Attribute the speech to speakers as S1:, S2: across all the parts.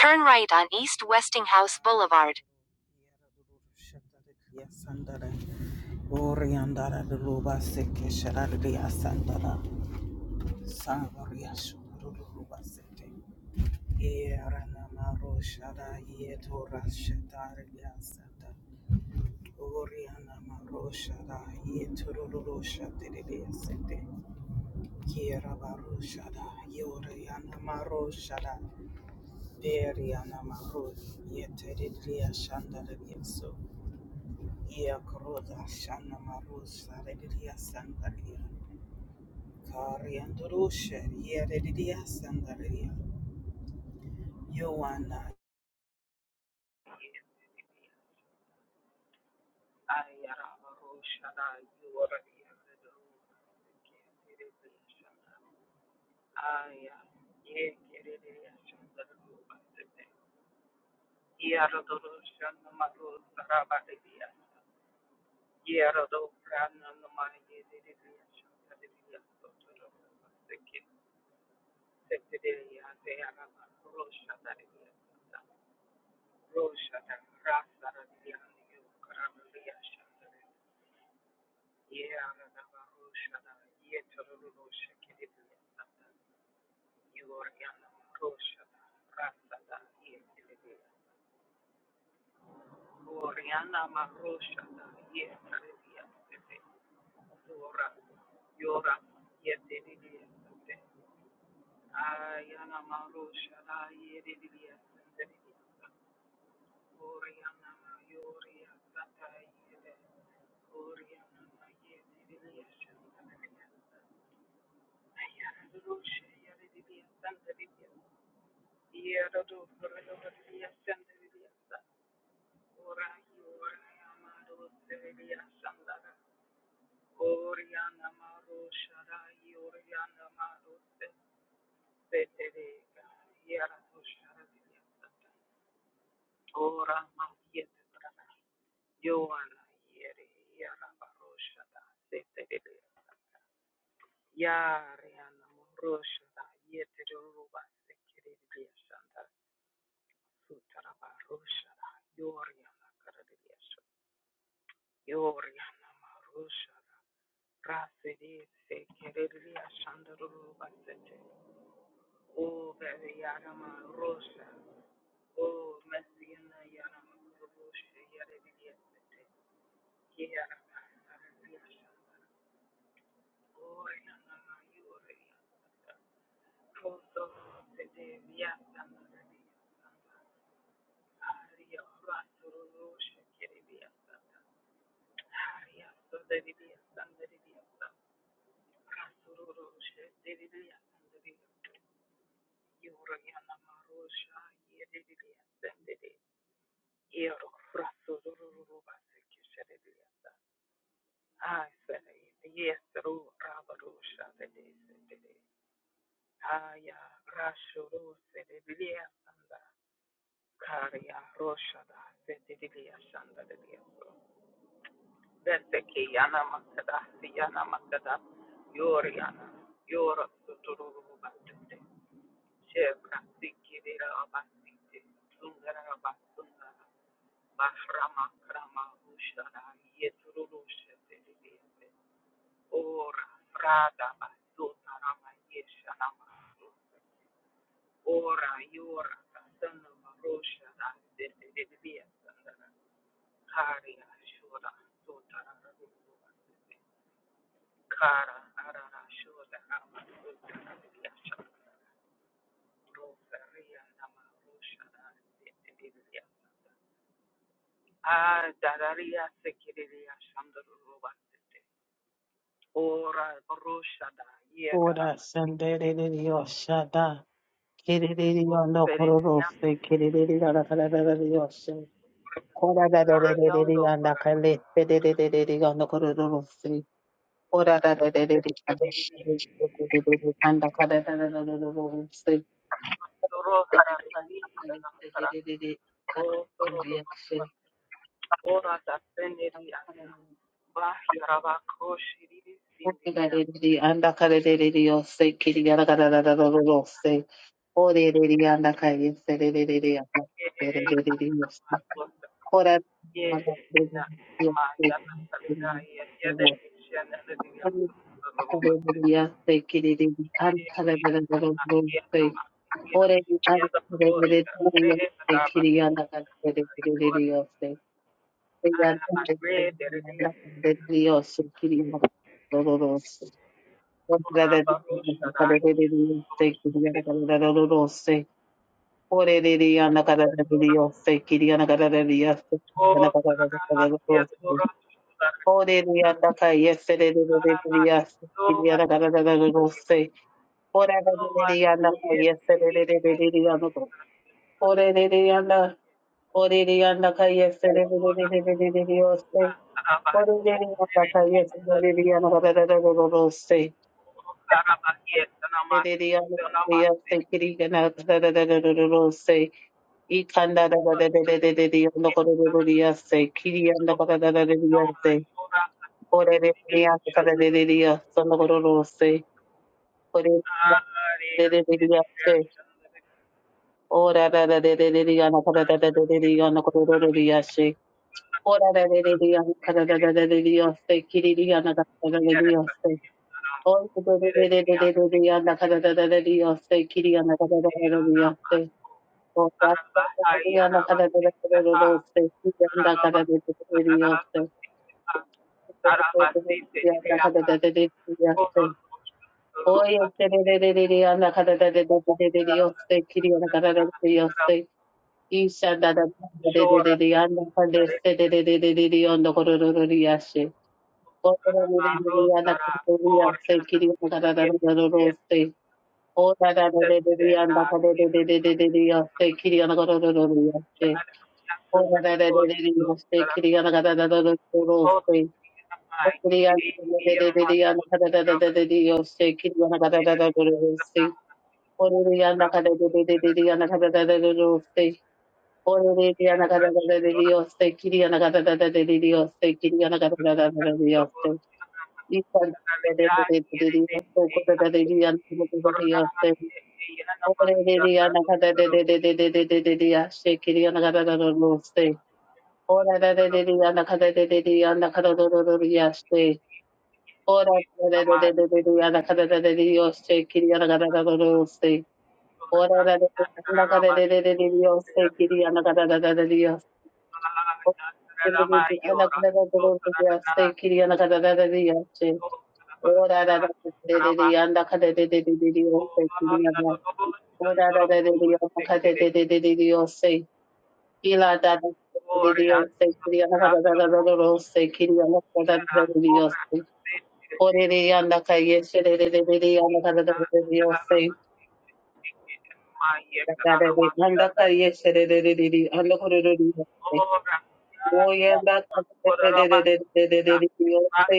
S1: Turn right on East Westinghouse Boulevard.
S2: Ora sandereri yoshada kereri yondo kororose kereri gara gara gara yoshe ora da da da da da yanda kale kereri yondo kororose ora da da da da da yanda kale da da da da da yose Ore da Orerererere andakarererere yose kiriyaragarararararo yose. Orererere andakayeserererere yakaserererere yose. Orererere andakarererere yose kiriyaragarararararo yose. Kiriyaragarararararo andakarererere yose. Orererere andakarererere yose kiriyaragarararararo yose. Kiriyaragarararararo yose kiriyaragarararararo yose. Yes, Kiriya O sea, ya la cara de los dos, se quita la cara de Dios, se la cara de Dios, se oye, se le diría la cara de Dios, se quería la cara de Dios, se isha da da de de de anda con este de de de de de de onda corororiashe. Otra de de de anda con Dios, se quería la cara de Dios, se otra de de de anda con de de de de de de Dios, se quería la cara de Dios. Thank you. Ora da da da da da da da da da da da da da da da yaste. Ora da da da da da da da da da da da da yaste. Kiri da da da da da da yaste. Ora da da da da da da da da da yaste. Kiri da da da da da da yaste. Ora da da da da da da yaste. Kiri da da da da da yaste. Ora da da da da da da da da da yaste. Kiri da. Ora da da da da da da da da da yaste. Ila da da de Dios, se cría la da da da da da da, se cría la da da da de Dios. Ore de anda calle, se de de de de de anda da da da de Dios, se da da de anda calle, se de de de de de anda por el Dios. Oye anda de de de de de de de de Dios, se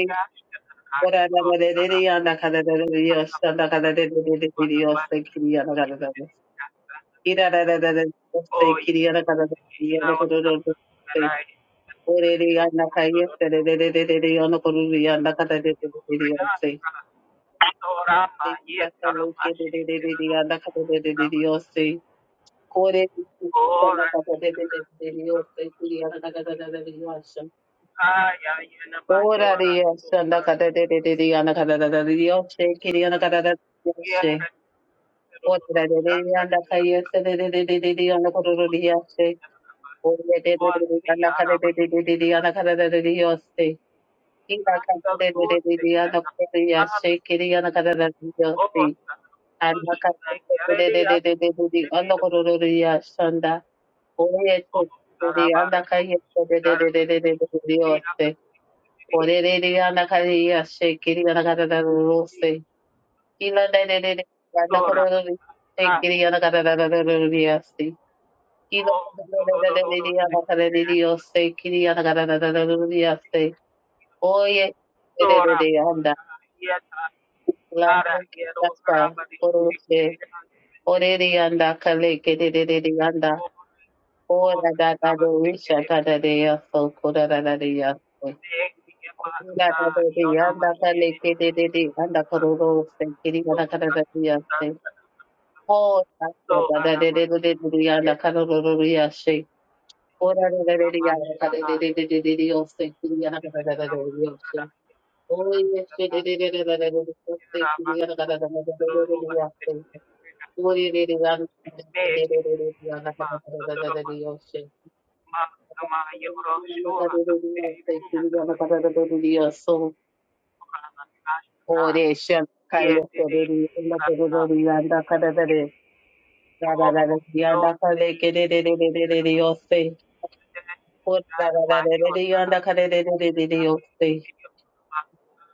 S2: ora da da de de de anda da da da de Dios, anda da da de de de de Dios, se cría la da da da. Ira da da da de Dios, se cría la da da da de Dios, anda por el Dios. Orere yanda kaya sererererere yana koruru yanda kata dedededede yose. Yanda kaya kededededede yanda kata dedededede yose. Kore yanda kata dedededede yose. Kiri yanda kata dedededede yose. Ora re yose yanda kata dedededede yanda kata dedededede yose. Kiri yanda kata dedededede yose. Ora re re yanda kaya sererererere yana koruru yose. Ore dedededede yanda kata dedededede yana kata dedededede yose. Ila kada de de de de de ana kuri ya she kiri ana kada de de de de ana kada de de de de de de de de ana kuru ru ru ya shanda oye te de de ana kaya de de de de de de de de oste ore de de ana kaya ya she kiri ana kada de de de oste ila de de de de ana kuru ru ru she kiri ana kada de de de de de oste ila de de de de de de ana kada de de oste kiri ana kada de de de de de oste oye La yasta orose oreri anda kale kedededede anda ora da da de isha da da de yaso kora da da de yaso kora da da de anda kale kedededede anda kororo se kiri anda kara da de yaso ora da da de de de de de anda kororo yashe ora da da de de anda kale de de de de de de yaso kiri anda kara da da de yaso oye she de de de de de de de yaso kiri anda kara da da de de de de yaso Ore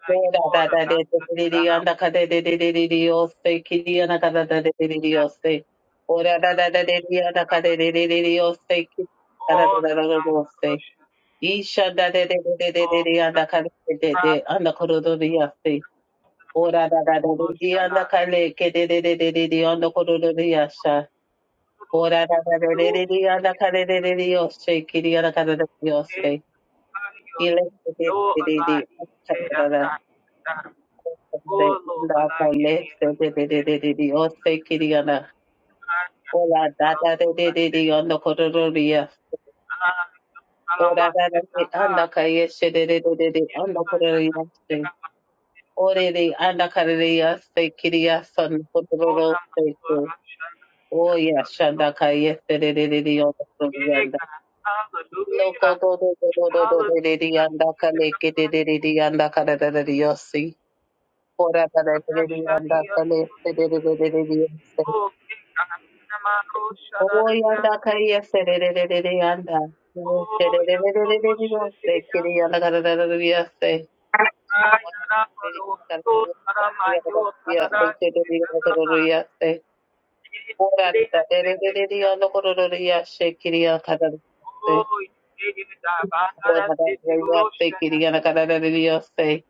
S2: Da da da de de de de anda ka de de de de de de yo kiri ki anda ka da da de de de de yo Ora da da da de de anda ka de de de de de yo se ki da da da da da da yo se. Isha da de de de de de de de anda ka de de de anda ko do de ya Ora da da da de de anda ka le ke de de de de de de anda ko do de ya Ora da da da de de de anda ka de de de de yo se anda ka da da de yo Ile de de de de de. Oh yeah, Shanda Kaya Yanda. Loko do do do do do do de de de yanda kale ke de de de de yanda kare da da de yosi. Ora kare de de de yanda kale se de de de de de de yosi. Oh, Oyanda kariya serererere yanda. Sererererere yose kiri yanda kararararı yase. Ora da dererere yanda korororor yase kiri yanda kararararı yase. Ora da dererere yase kiri yanda kararararı yase.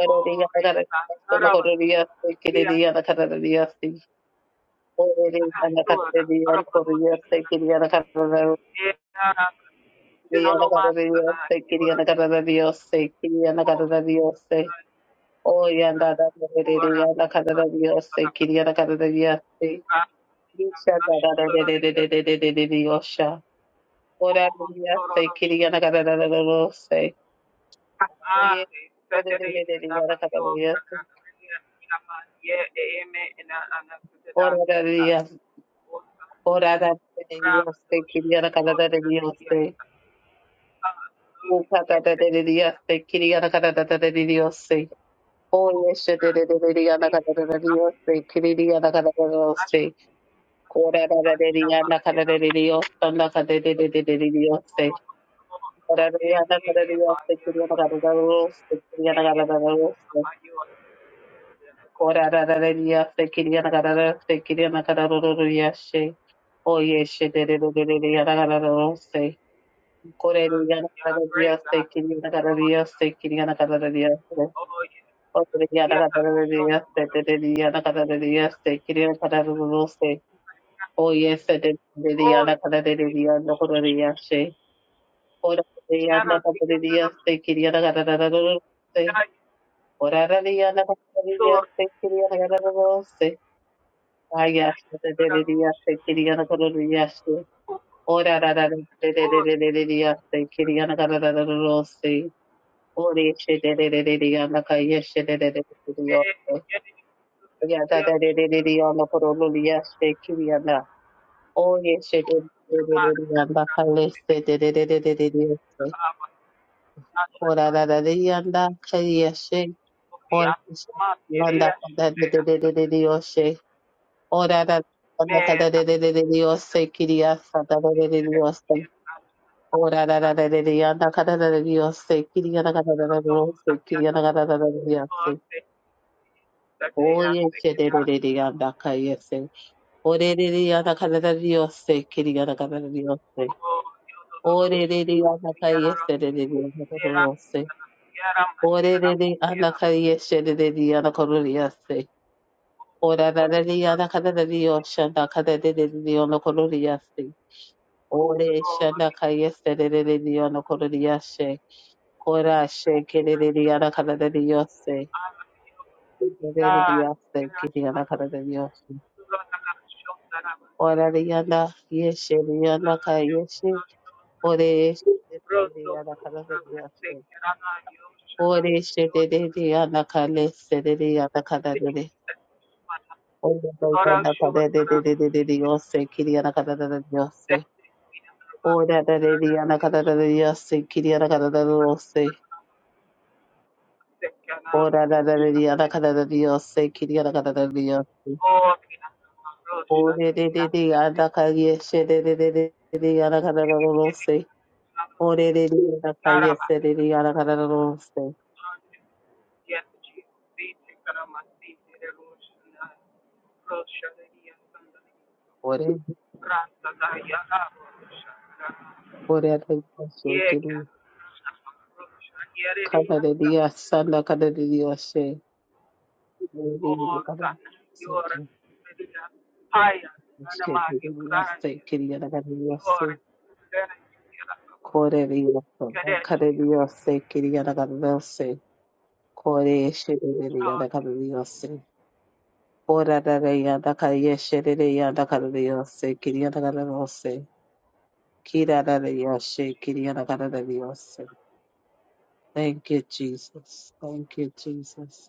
S2: Erere yanda kararararı yanda korororor yase kiri yanda kararararı yase. Orere yanda kararararı yanda korororor yase kiri yanda kararararı Ora Oh yes, she did it. Did it? Anna kada did it. Say, did it? Anna kada did it. Say, Kora kada did it. Anna kada did it. Yes, Anna kada did it. Did it? Say, Kora did it. Anna kada did it. Say, did it? Anna kada did it. Say, did it? Anna kada did it. Say, Kora kada did it. Say, did it? Anna kada did it. Say, did it? Anna kada did it. Yes, she. Oh yes, she did it. Did it? Anna kada did it. Say, Kora did it. Anna kada did it. Say, did it? Anna kada did it. Say, did it? Anna kada did it. O Kriya da da da da se de de de da da da da da se Kriya da da da da se O ye se de de de da da da da da no ko da se O da de da da da da se Kriya da da da da da se O da da de da da da Kriya se Kriya da da da da se Aya se de de de da se Kriya da da da da se O da da da de de de de de da se Kriya da da da da da se O re se de de de de da ka ye se de de de de Yeah, da da da da da da on the porololi yes, they kiri on that Oh yes, they did da da da da on the palace, da da da da da da da da. Ora da da da da that the kiri yes, oh yes, on the da da da da da da da yes, ora da on the da da da da da da yes, kiri yes, da da da da da yes. Ora da da da da da on the da da da da yes, kiri on the da da da da yes, kiri on the da da da da yes. Oh say. Oh, yes, da da da da on the that yes. Orerere yana kadar yose, kiri yana kadar yose. Orerere yana kayese dedi yana kadar yose. Orerere yana kayese dedi yana kadar yose. Orerere yana kadar yose, yana kadar dedi yana kadar yose. Ore yana şana kayese dedi yana kadar yose. Kora şe kiri dedi yana kadar dedi yose. Orerere yose, kiri yana kadar dedi yose. Orerere yana yese, yana kayese. Ore shedede anakala yashe. Ore shedede anakale sedede anakala dede. Ore dede anakala dede dede dede yose kiri anakala dede yose. Ora dede anakala dede yose kiri yana kala anakala dede yose. Ora dede anakala dede yose kiri anakala dede yose. Ore dede anakala yeshe dede dede dede anakala dede yose. Ore dede anakala yeshe dede anakala dede yose. Ore ore anakala yeshe kiri. Kadadiya sanda kadadiya she. Kadadiya kadadiya she. Kadadiya she. Kiriya kadadiya she. Koreriya sanda kadadiya she. Kiriya kadadiya she. Kore she kadadiya kadadiya she. Kora kadadiya kadadiya she. Kadadiya kadadiya she. Kiriya kadadiya she. Kira kadadiya she. Kiriya kadadiya she. Thank you, Jesus. Thank you, Jesus.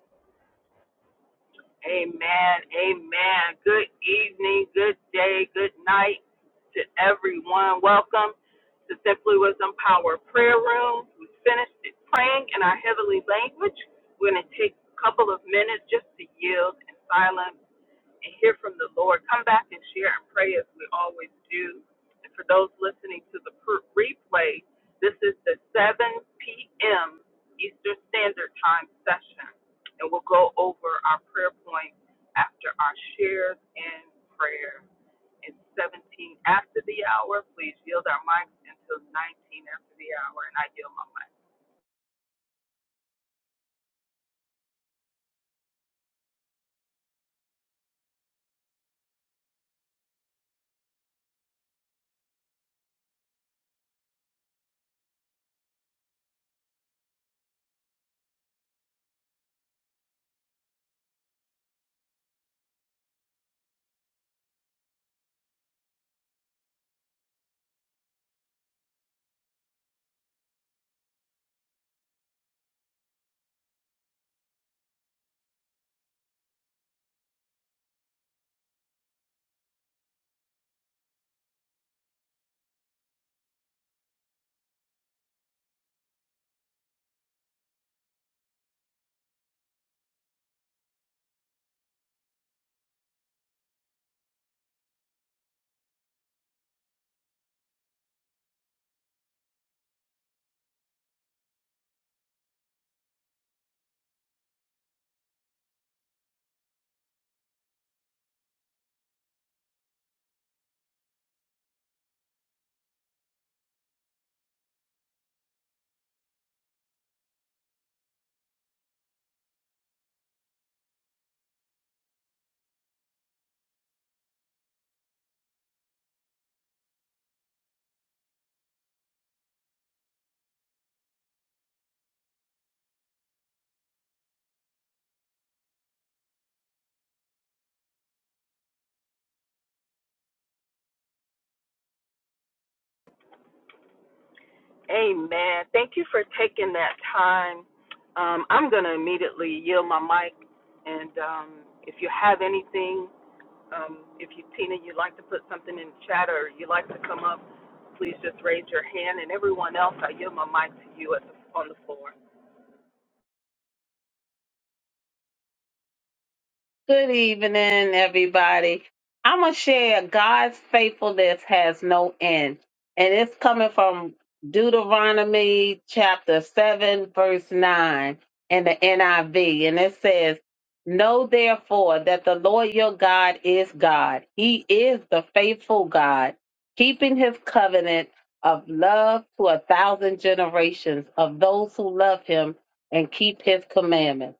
S2: Good evening, everybody. I'm going to share God's faithfulness has no end. And it's coming from Deuteronomy chapter 7, verse 9 in the NIV. And it says, Know therefore that the Lord your God is God. He is the faithful God, keeping his covenant of love to a thousand generations of those who love him and keep his commandments.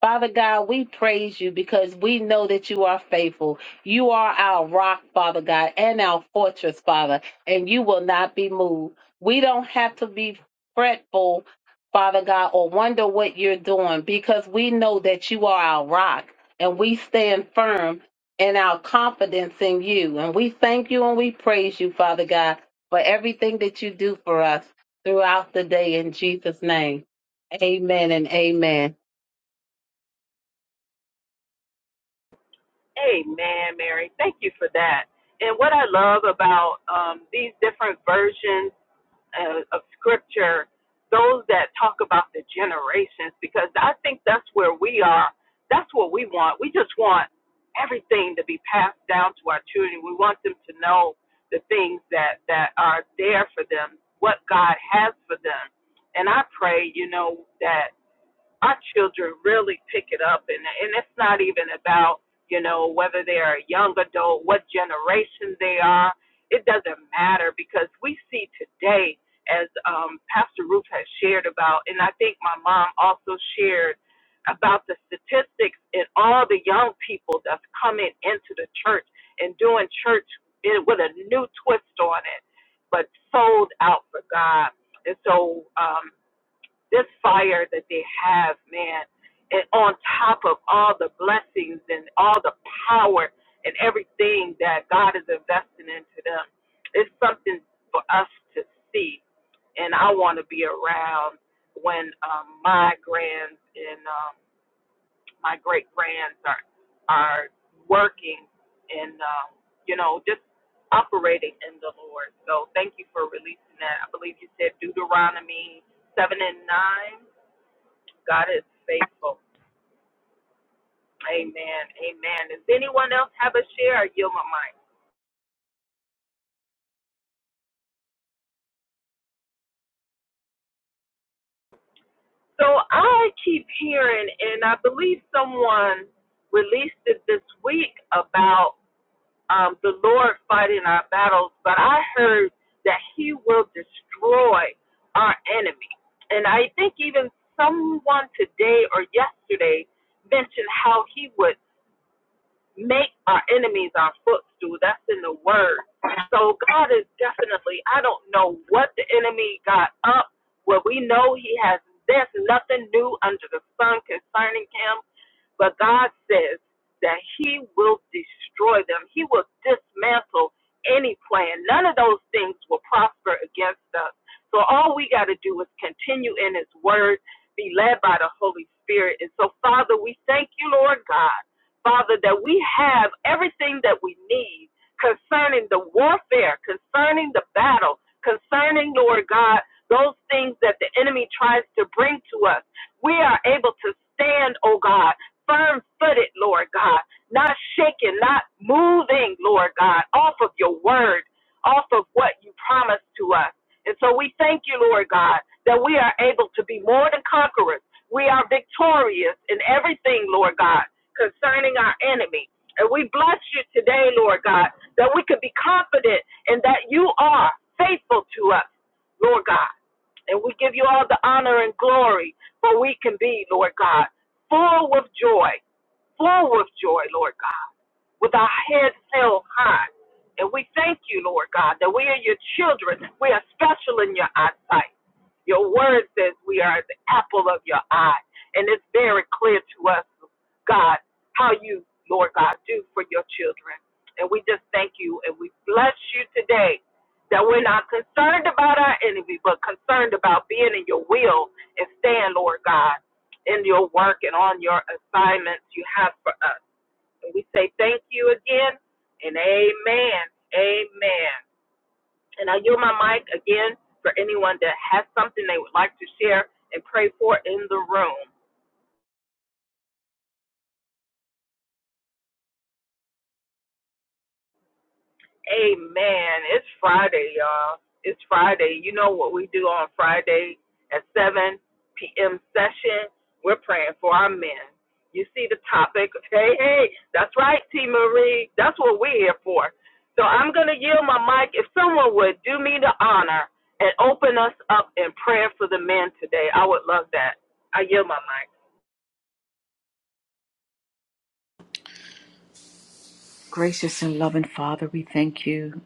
S2: Father God, we praise you because we know that you are faithful. You are our rock, Father God, and our fortress, Father, and you will not be moved. We don't have to be fretful, Father God, or wonder what you're doing because we know that you are our rock and we stand firm in our confidence in you. And we thank you and we praise you, Father God, for everything that you do for us throughout the day in Jesus' name. Amen and amen.
S3: Gracious and loving Father, we thank you.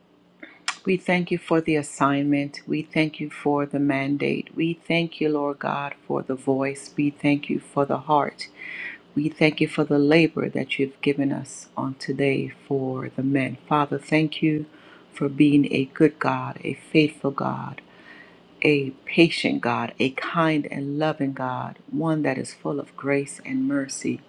S3: We thank you for the assignment. We thank you for the mandate. We thank you, Lord God, for the voice. We thank you for the heart. We thank you for the labor that you've given us on today for the men. Father, thank you for being a good God, a faithful God, a patient God, a kind and loving God, one that is full of grace and mercy.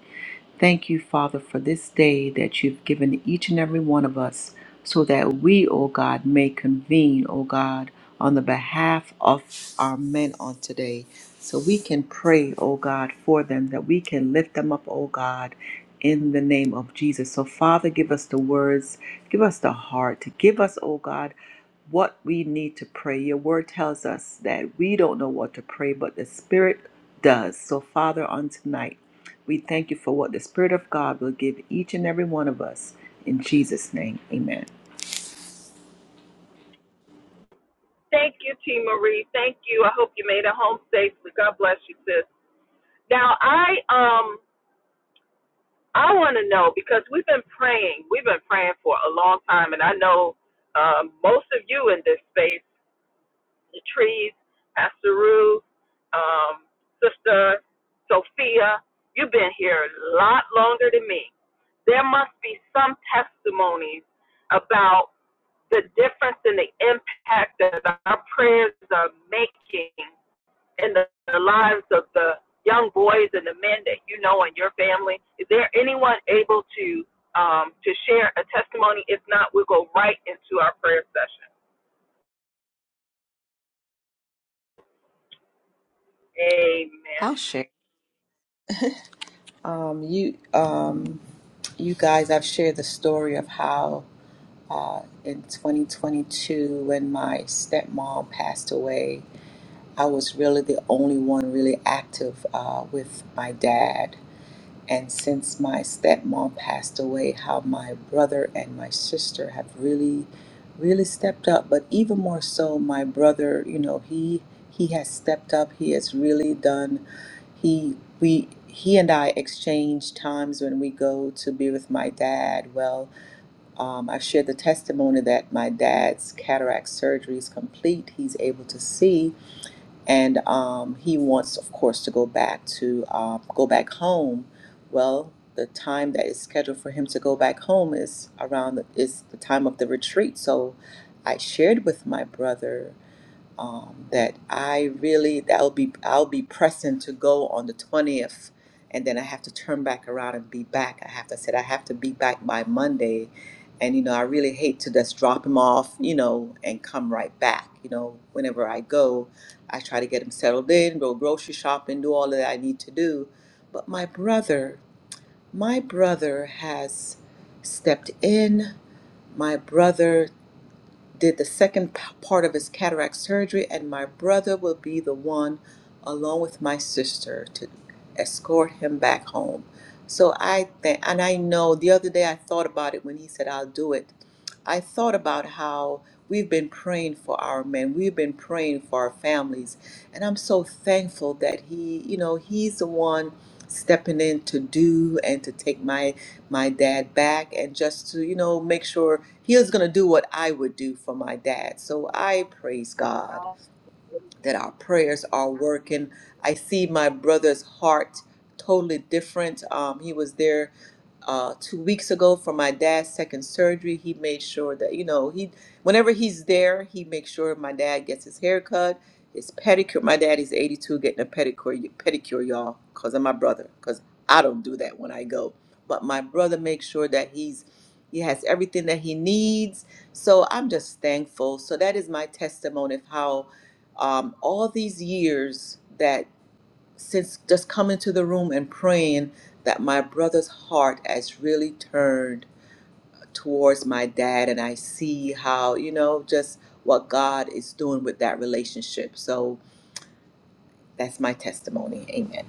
S3: Thank you, Father, for this day that you've given each and every one of us so that we, O God, may convene, O God, on the behalf of our men on today. So we can pray, O God, for them, that we can lift them up, O God, in the name of Jesus. So, Father, give us the words, give us the heart, give us, O God, what we need to pray. Your word tells us that we don't know what to pray, but the Spirit does. So, Father, on tonight, we thank you for what the Spirit of God will give each and every one of us. In Jesus' name, amen. I'll share. Um, you, um, you guys, I've shared the story of how uh, in 2022, when my stepmom passed away, I was really the only one really active uh, with my dad. And since my stepmom passed away, how my brother and my sister have really, really stepped up. But even more so, my brother, you know, he he has stepped up. He has really done. He we he and I exchange times when we go to be with my dad. Well, um, I've shared the testimony that my dad's cataract surgery is complete. He's able to see, and um, he wants, of course, to go back to uh, go back home. Well, the time that is scheduled for him to go back home is around the, is the time of the retreat. So, I shared with my brother um, that I really that'll be I'll be pressing to go on the twentieth, and then I have to turn back around and be back. I have to I said I have to be back by Monday, and you know I really hate to just drop him off, you know, and come right back. You know, whenever I go, I try to get him settled in, go grocery shopping, do all that I need to do. But my brother, my brother has stepped in. My brother did the second part of his cataract surgery, and my brother will be the one, along with my sister, to escort him back home. So I think, and I know the other day I thought about it when he said, I'll do it. I thought about how we've been praying for our men, we've been praying for our families, and I'm so thankful that he, you know, he's the one stepping in to do and to take my my dad back and just to, you know, make sure he was going to do what I would do for my dad. So I praise God that our prayers are working. I see my brother's heart totally different. Um, he was there uh, two weeks ago for my dad's second surgery. He made sure that you know he, whenever he's there, he makes sure my dad gets his haircut, his pedicure. My dad is 82, getting a pedicure, pedicure, y'all, because of my brother. Because I don't do that when I go, but my brother makes sure that he's he has everything that he needs. So I'm just thankful. So that is my testimony of how um, all these years that since just coming to the room and praying that my brother's heart has really turned towards my dad and I see how, you know, just what God is doing with that relationship. So that's my testimony. Amen.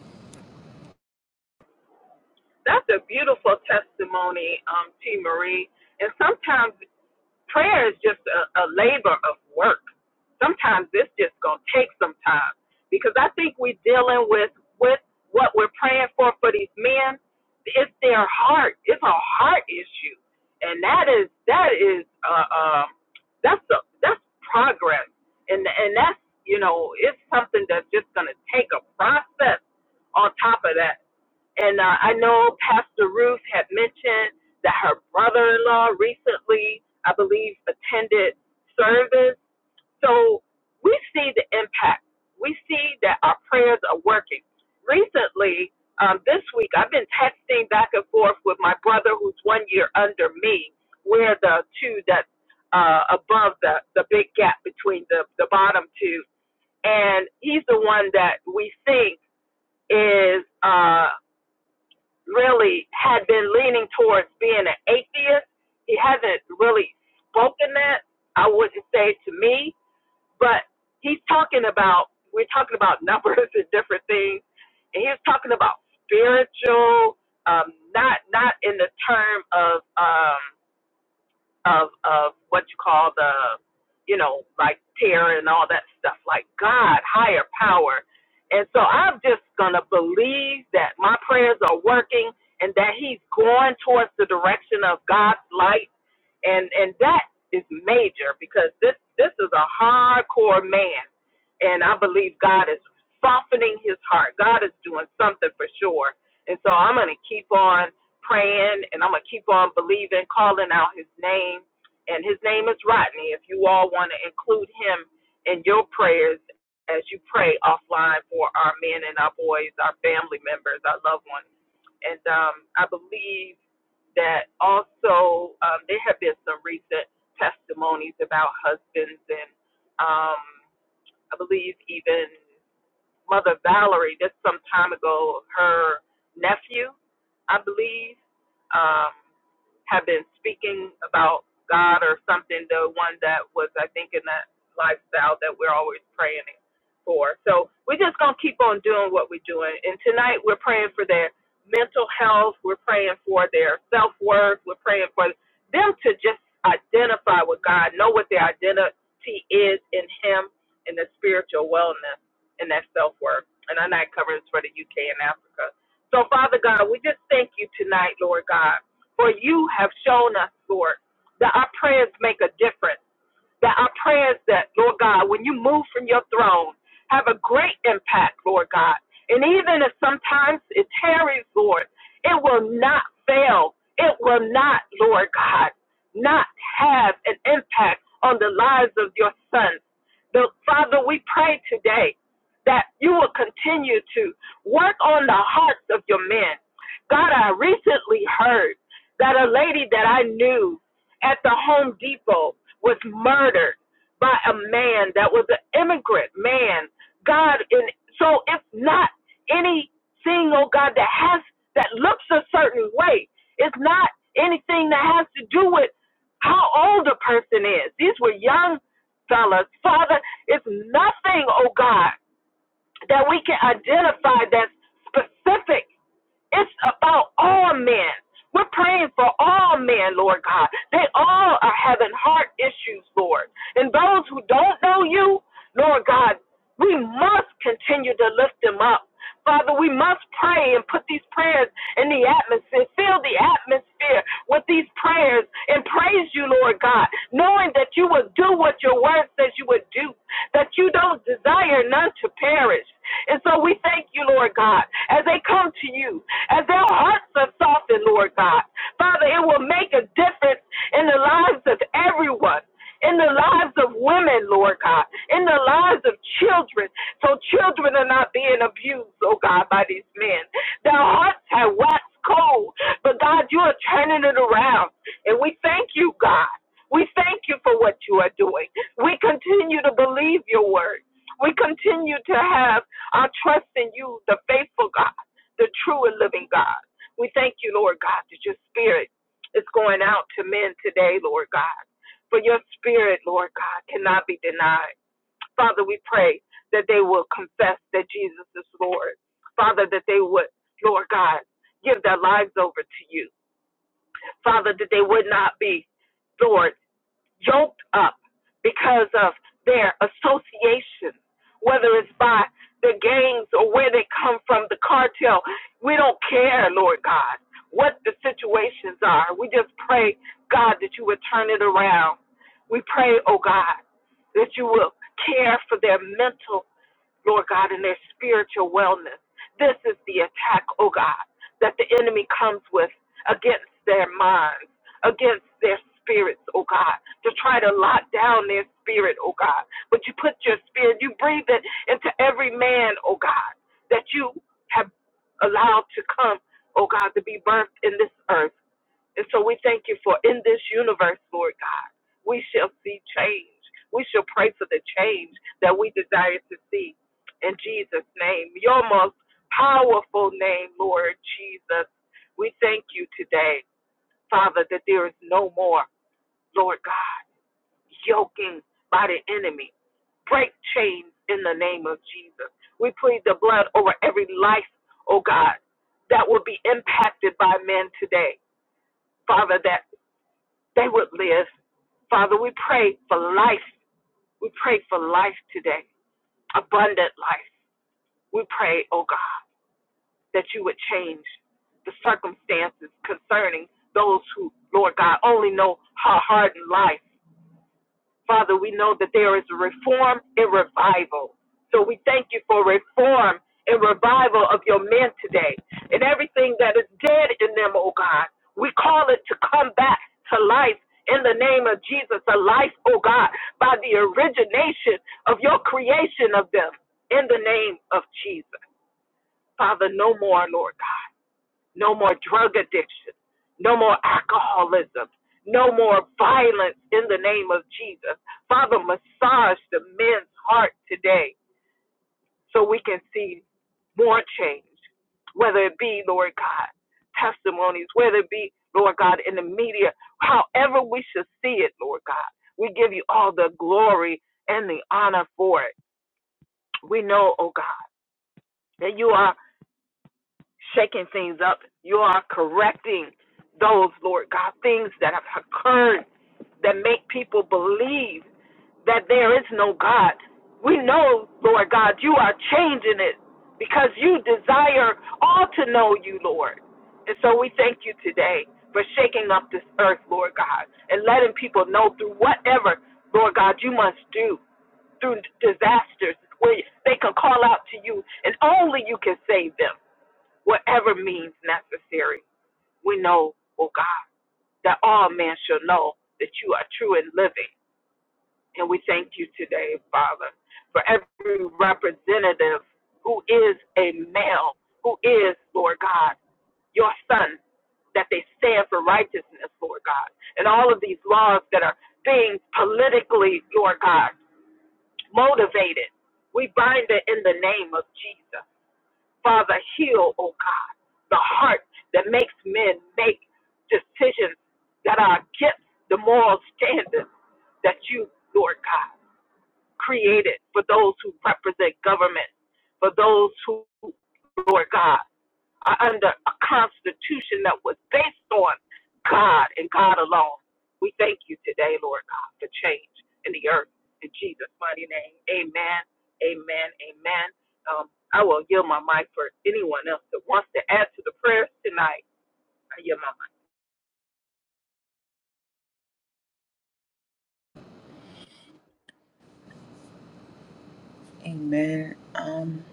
S3: Amen. Um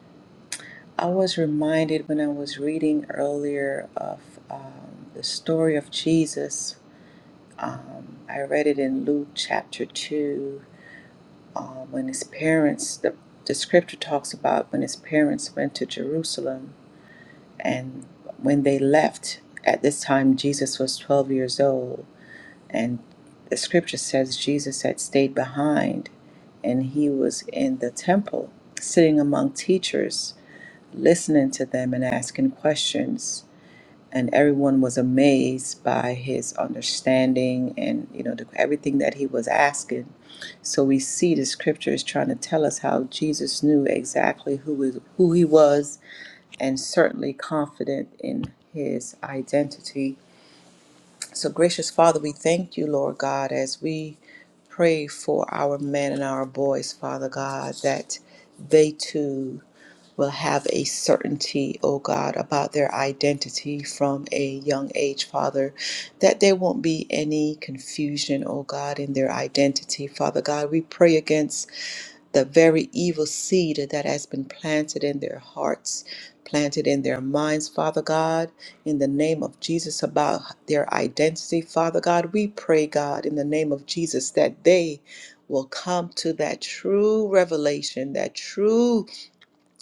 S3: I was reminded when I was reading earlier of um, the story of Jesus. Um, I read it in Luke chapter 2 Uh, when his parents, the, the scripture talks about when his parents went to Jerusalem and when they left, at this time Jesus was 12 years old. And the scripture says Jesus had stayed behind and he was in the temple, sitting among teachers, listening to them and asking questions and everyone was amazed by his understanding and you know the, everything that he was asking so we see the scriptures trying to tell us how jesus knew exactly who is who he was and certainly confident in his identity so gracious father we thank you lord god as we pray for our men and our boys father god that they too will have a certainty, oh God, about their identity from a young age, Father, that there won't be any confusion, oh God, in their identity. Father God, we pray against the very evil seed that has been planted in their hearts, planted in their minds, Father God, in the name of Jesus about their identity, Father God. We pray, God, in the name of Jesus, that they will come to that true revelation, that true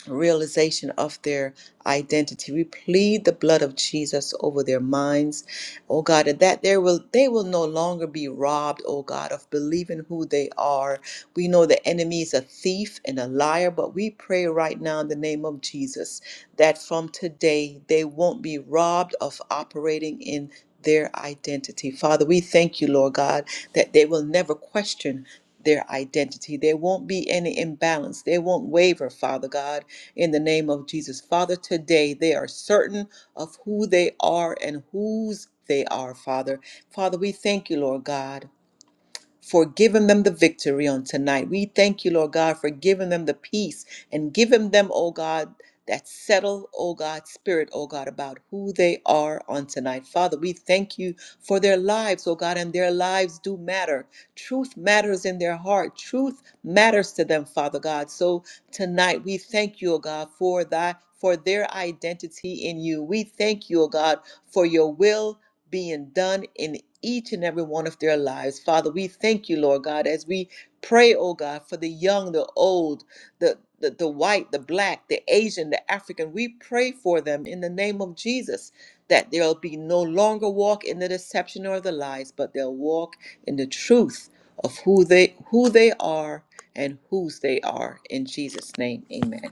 S3: realization of their identity. We plead the blood of Jesus over their minds, oh God, and that there will they will no longer be robbed, oh God, of believing who they are. We know the enemy is a thief and a liar, but we pray right now in the name of Jesus that from today they won't be robbed of operating in their identity. Father, we thank you, Lord God, that they will never question their identity. There won't be any imbalance. They won't waver, Father God in the name of Jesus. Father, today they are certain of who they are and whose they are, Father. Father, we thank you, Lord God for giving them the victory on tonight. We thank you, Lord God, for giving them the peace and giving them, oh God, that settled, oh God, spirit, oh God, about who they are on tonight. Father, we thank you for their lives, oh God, and their lives do matter. Truth matters in their heart. Truth matters to them, Father God. So tonight we thank you, oh God, for thy for their identity in you. We thank you, oh God, for your will being done in each and every one of their lives. Father, we thank you, Lord God, as we pray, oh God, for the young, the old, the the, the white, the black, the Asian, the African, we pray for them in the name of Jesus that they'll be no longer walk in the deception or the lies, but they'll walk in the truth of who they who they are and whose they are. In Jesus' name, Amen.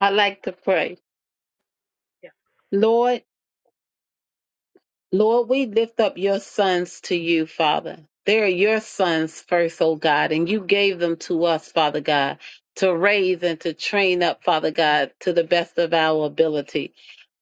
S2: I like to pray. Lord, Lord, we lift up your sons to you, Father. They are your sons first, oh God, and you gave them to us, Father God, to raise and to train up, Father God, to the best of our ability.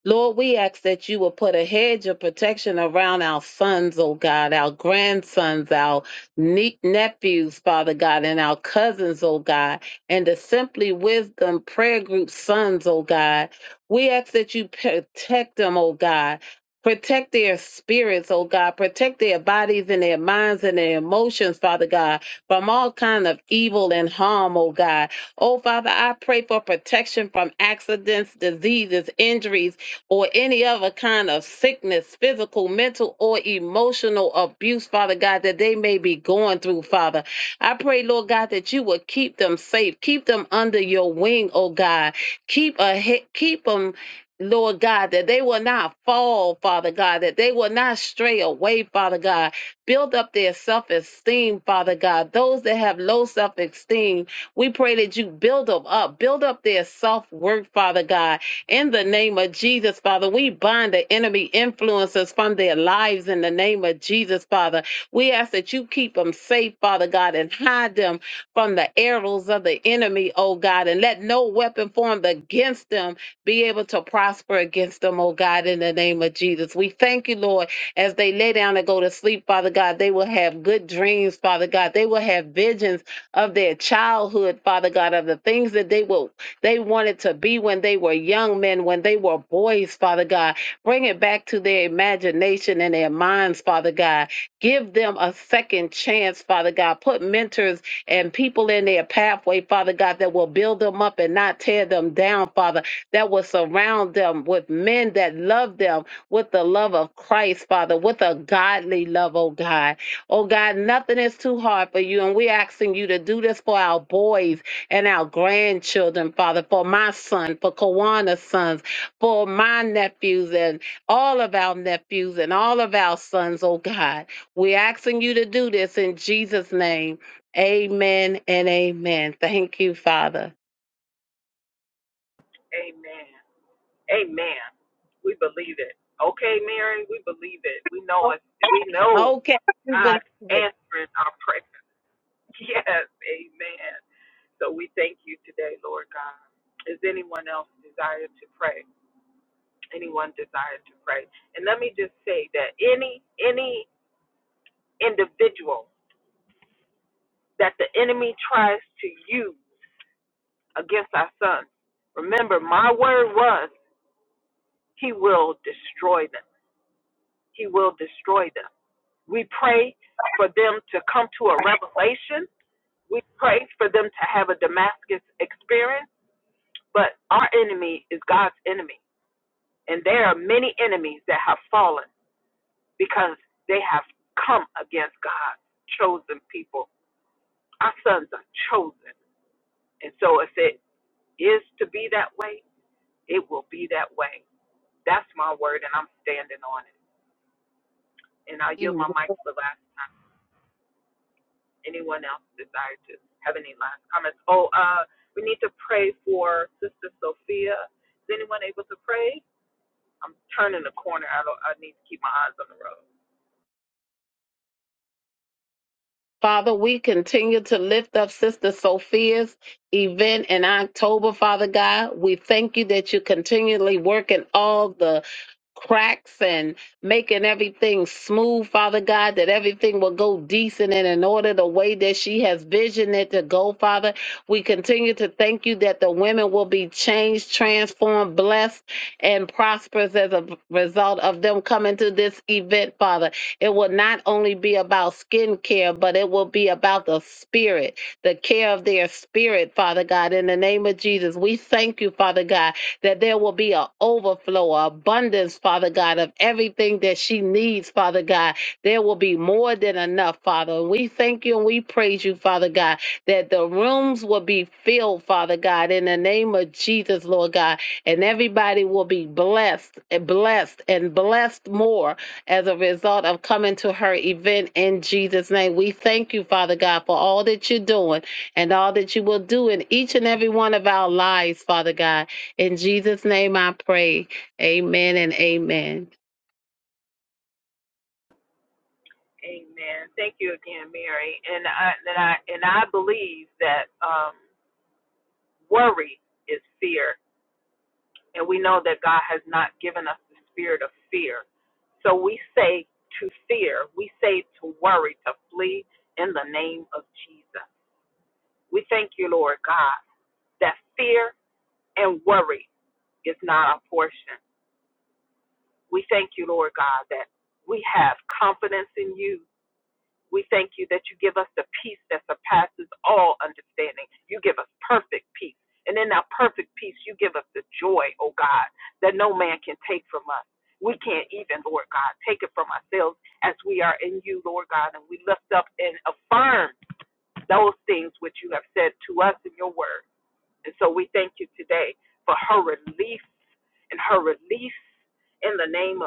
S2: Lord, we ask that you will put a hedge of protection around our sons, oh God, our grandsons, our nie- nephews, Father God, and our cousins, oh God, and the Simply Wisdom Prayer Group sons, oh God. We ask that you protect them, oh God. Protect their spirits, oh God. Protect their bodies and their minds and their emotions, Father God, from all kind of evil and harm, oh God. Oh, Father, I pray for protection from accidents, diseases, injuries, or any other kind of sickness, physical, mental, or emotional abuse, Father God, that they may be going through, Father. I pray, Lord God, that you would keep them safe, keep them under your wing, oh God. Keep a he- keep them. Lord God, that they will not fall, Father God, that they will not stray away, Father God. Build up their self esteem, Father God. Those that have low self esteem, we pray that you build them up, build up their self worth, Father God in the name of Jesus, Father, we bind the enemy influences from their lives in the name of Jesus, Father. We ask that you keep them safe, Father God, and hide them from the arrows of the enemy, oh God, and let no weapon formed against them be able to prosper against them, oh God, in the name of Jesus. We thank you, Lord, as they lay down and go to sleep, Father God, they will have good dreams, Father God. They will have visions of their childhood, Father God, of the things that they will they wanted to be when they were young men, when they were boys, Father God. Bring it back to their imagination and their minds, Father God. Give them a second chance, Father God. Put mentors and people in their pathway, Father God, that will build them up and not tear them down, Father, that will surround them with men that love them with the love of Christ, Father, with a godly love, oh God. Oh God, nothing is too hard for you. And we're asking you to do this for our boys and our grandchildren, Father, for my son, for Kawana's sons, for my nephews, and all of our nephews and all of our sons, oh God. We're asking you to do this in Jesus' name. Amen and amen. Thank you, Father. Okay, we believe it. Amen. Father, we continue to lift up Sister Sophia's event in October, Father God. We thank you that you continually work in all the cracks and making everything smooth, Father God, that everything will go decent and in order the way that she has visioned it to go, Father. We continue to thank you that the women will be changed, transformed, blessed, and prosperous as a result of them coming to this event, Father. It will not only be about skincare, but it will be about the spirit, the care of their spirit, Father God. In the name of Jesus, we thank you, Father God, that there will be an overflow, an abundance, Father God, of everything that she needs, Father God. There will be more than enough, Father. And we thank you and we praise you, Father God, that the rooms will be filled, Father God, in the name of Jesus, Lord God. And everybody will be blessed, and blessed, and blessed more as a result of coming to her event in Jesus' name. We thank you, Father God, for all that you're doing and all that you will do in each and every one of our lives, Father God. In Jesus' name I pray. Amen and amen.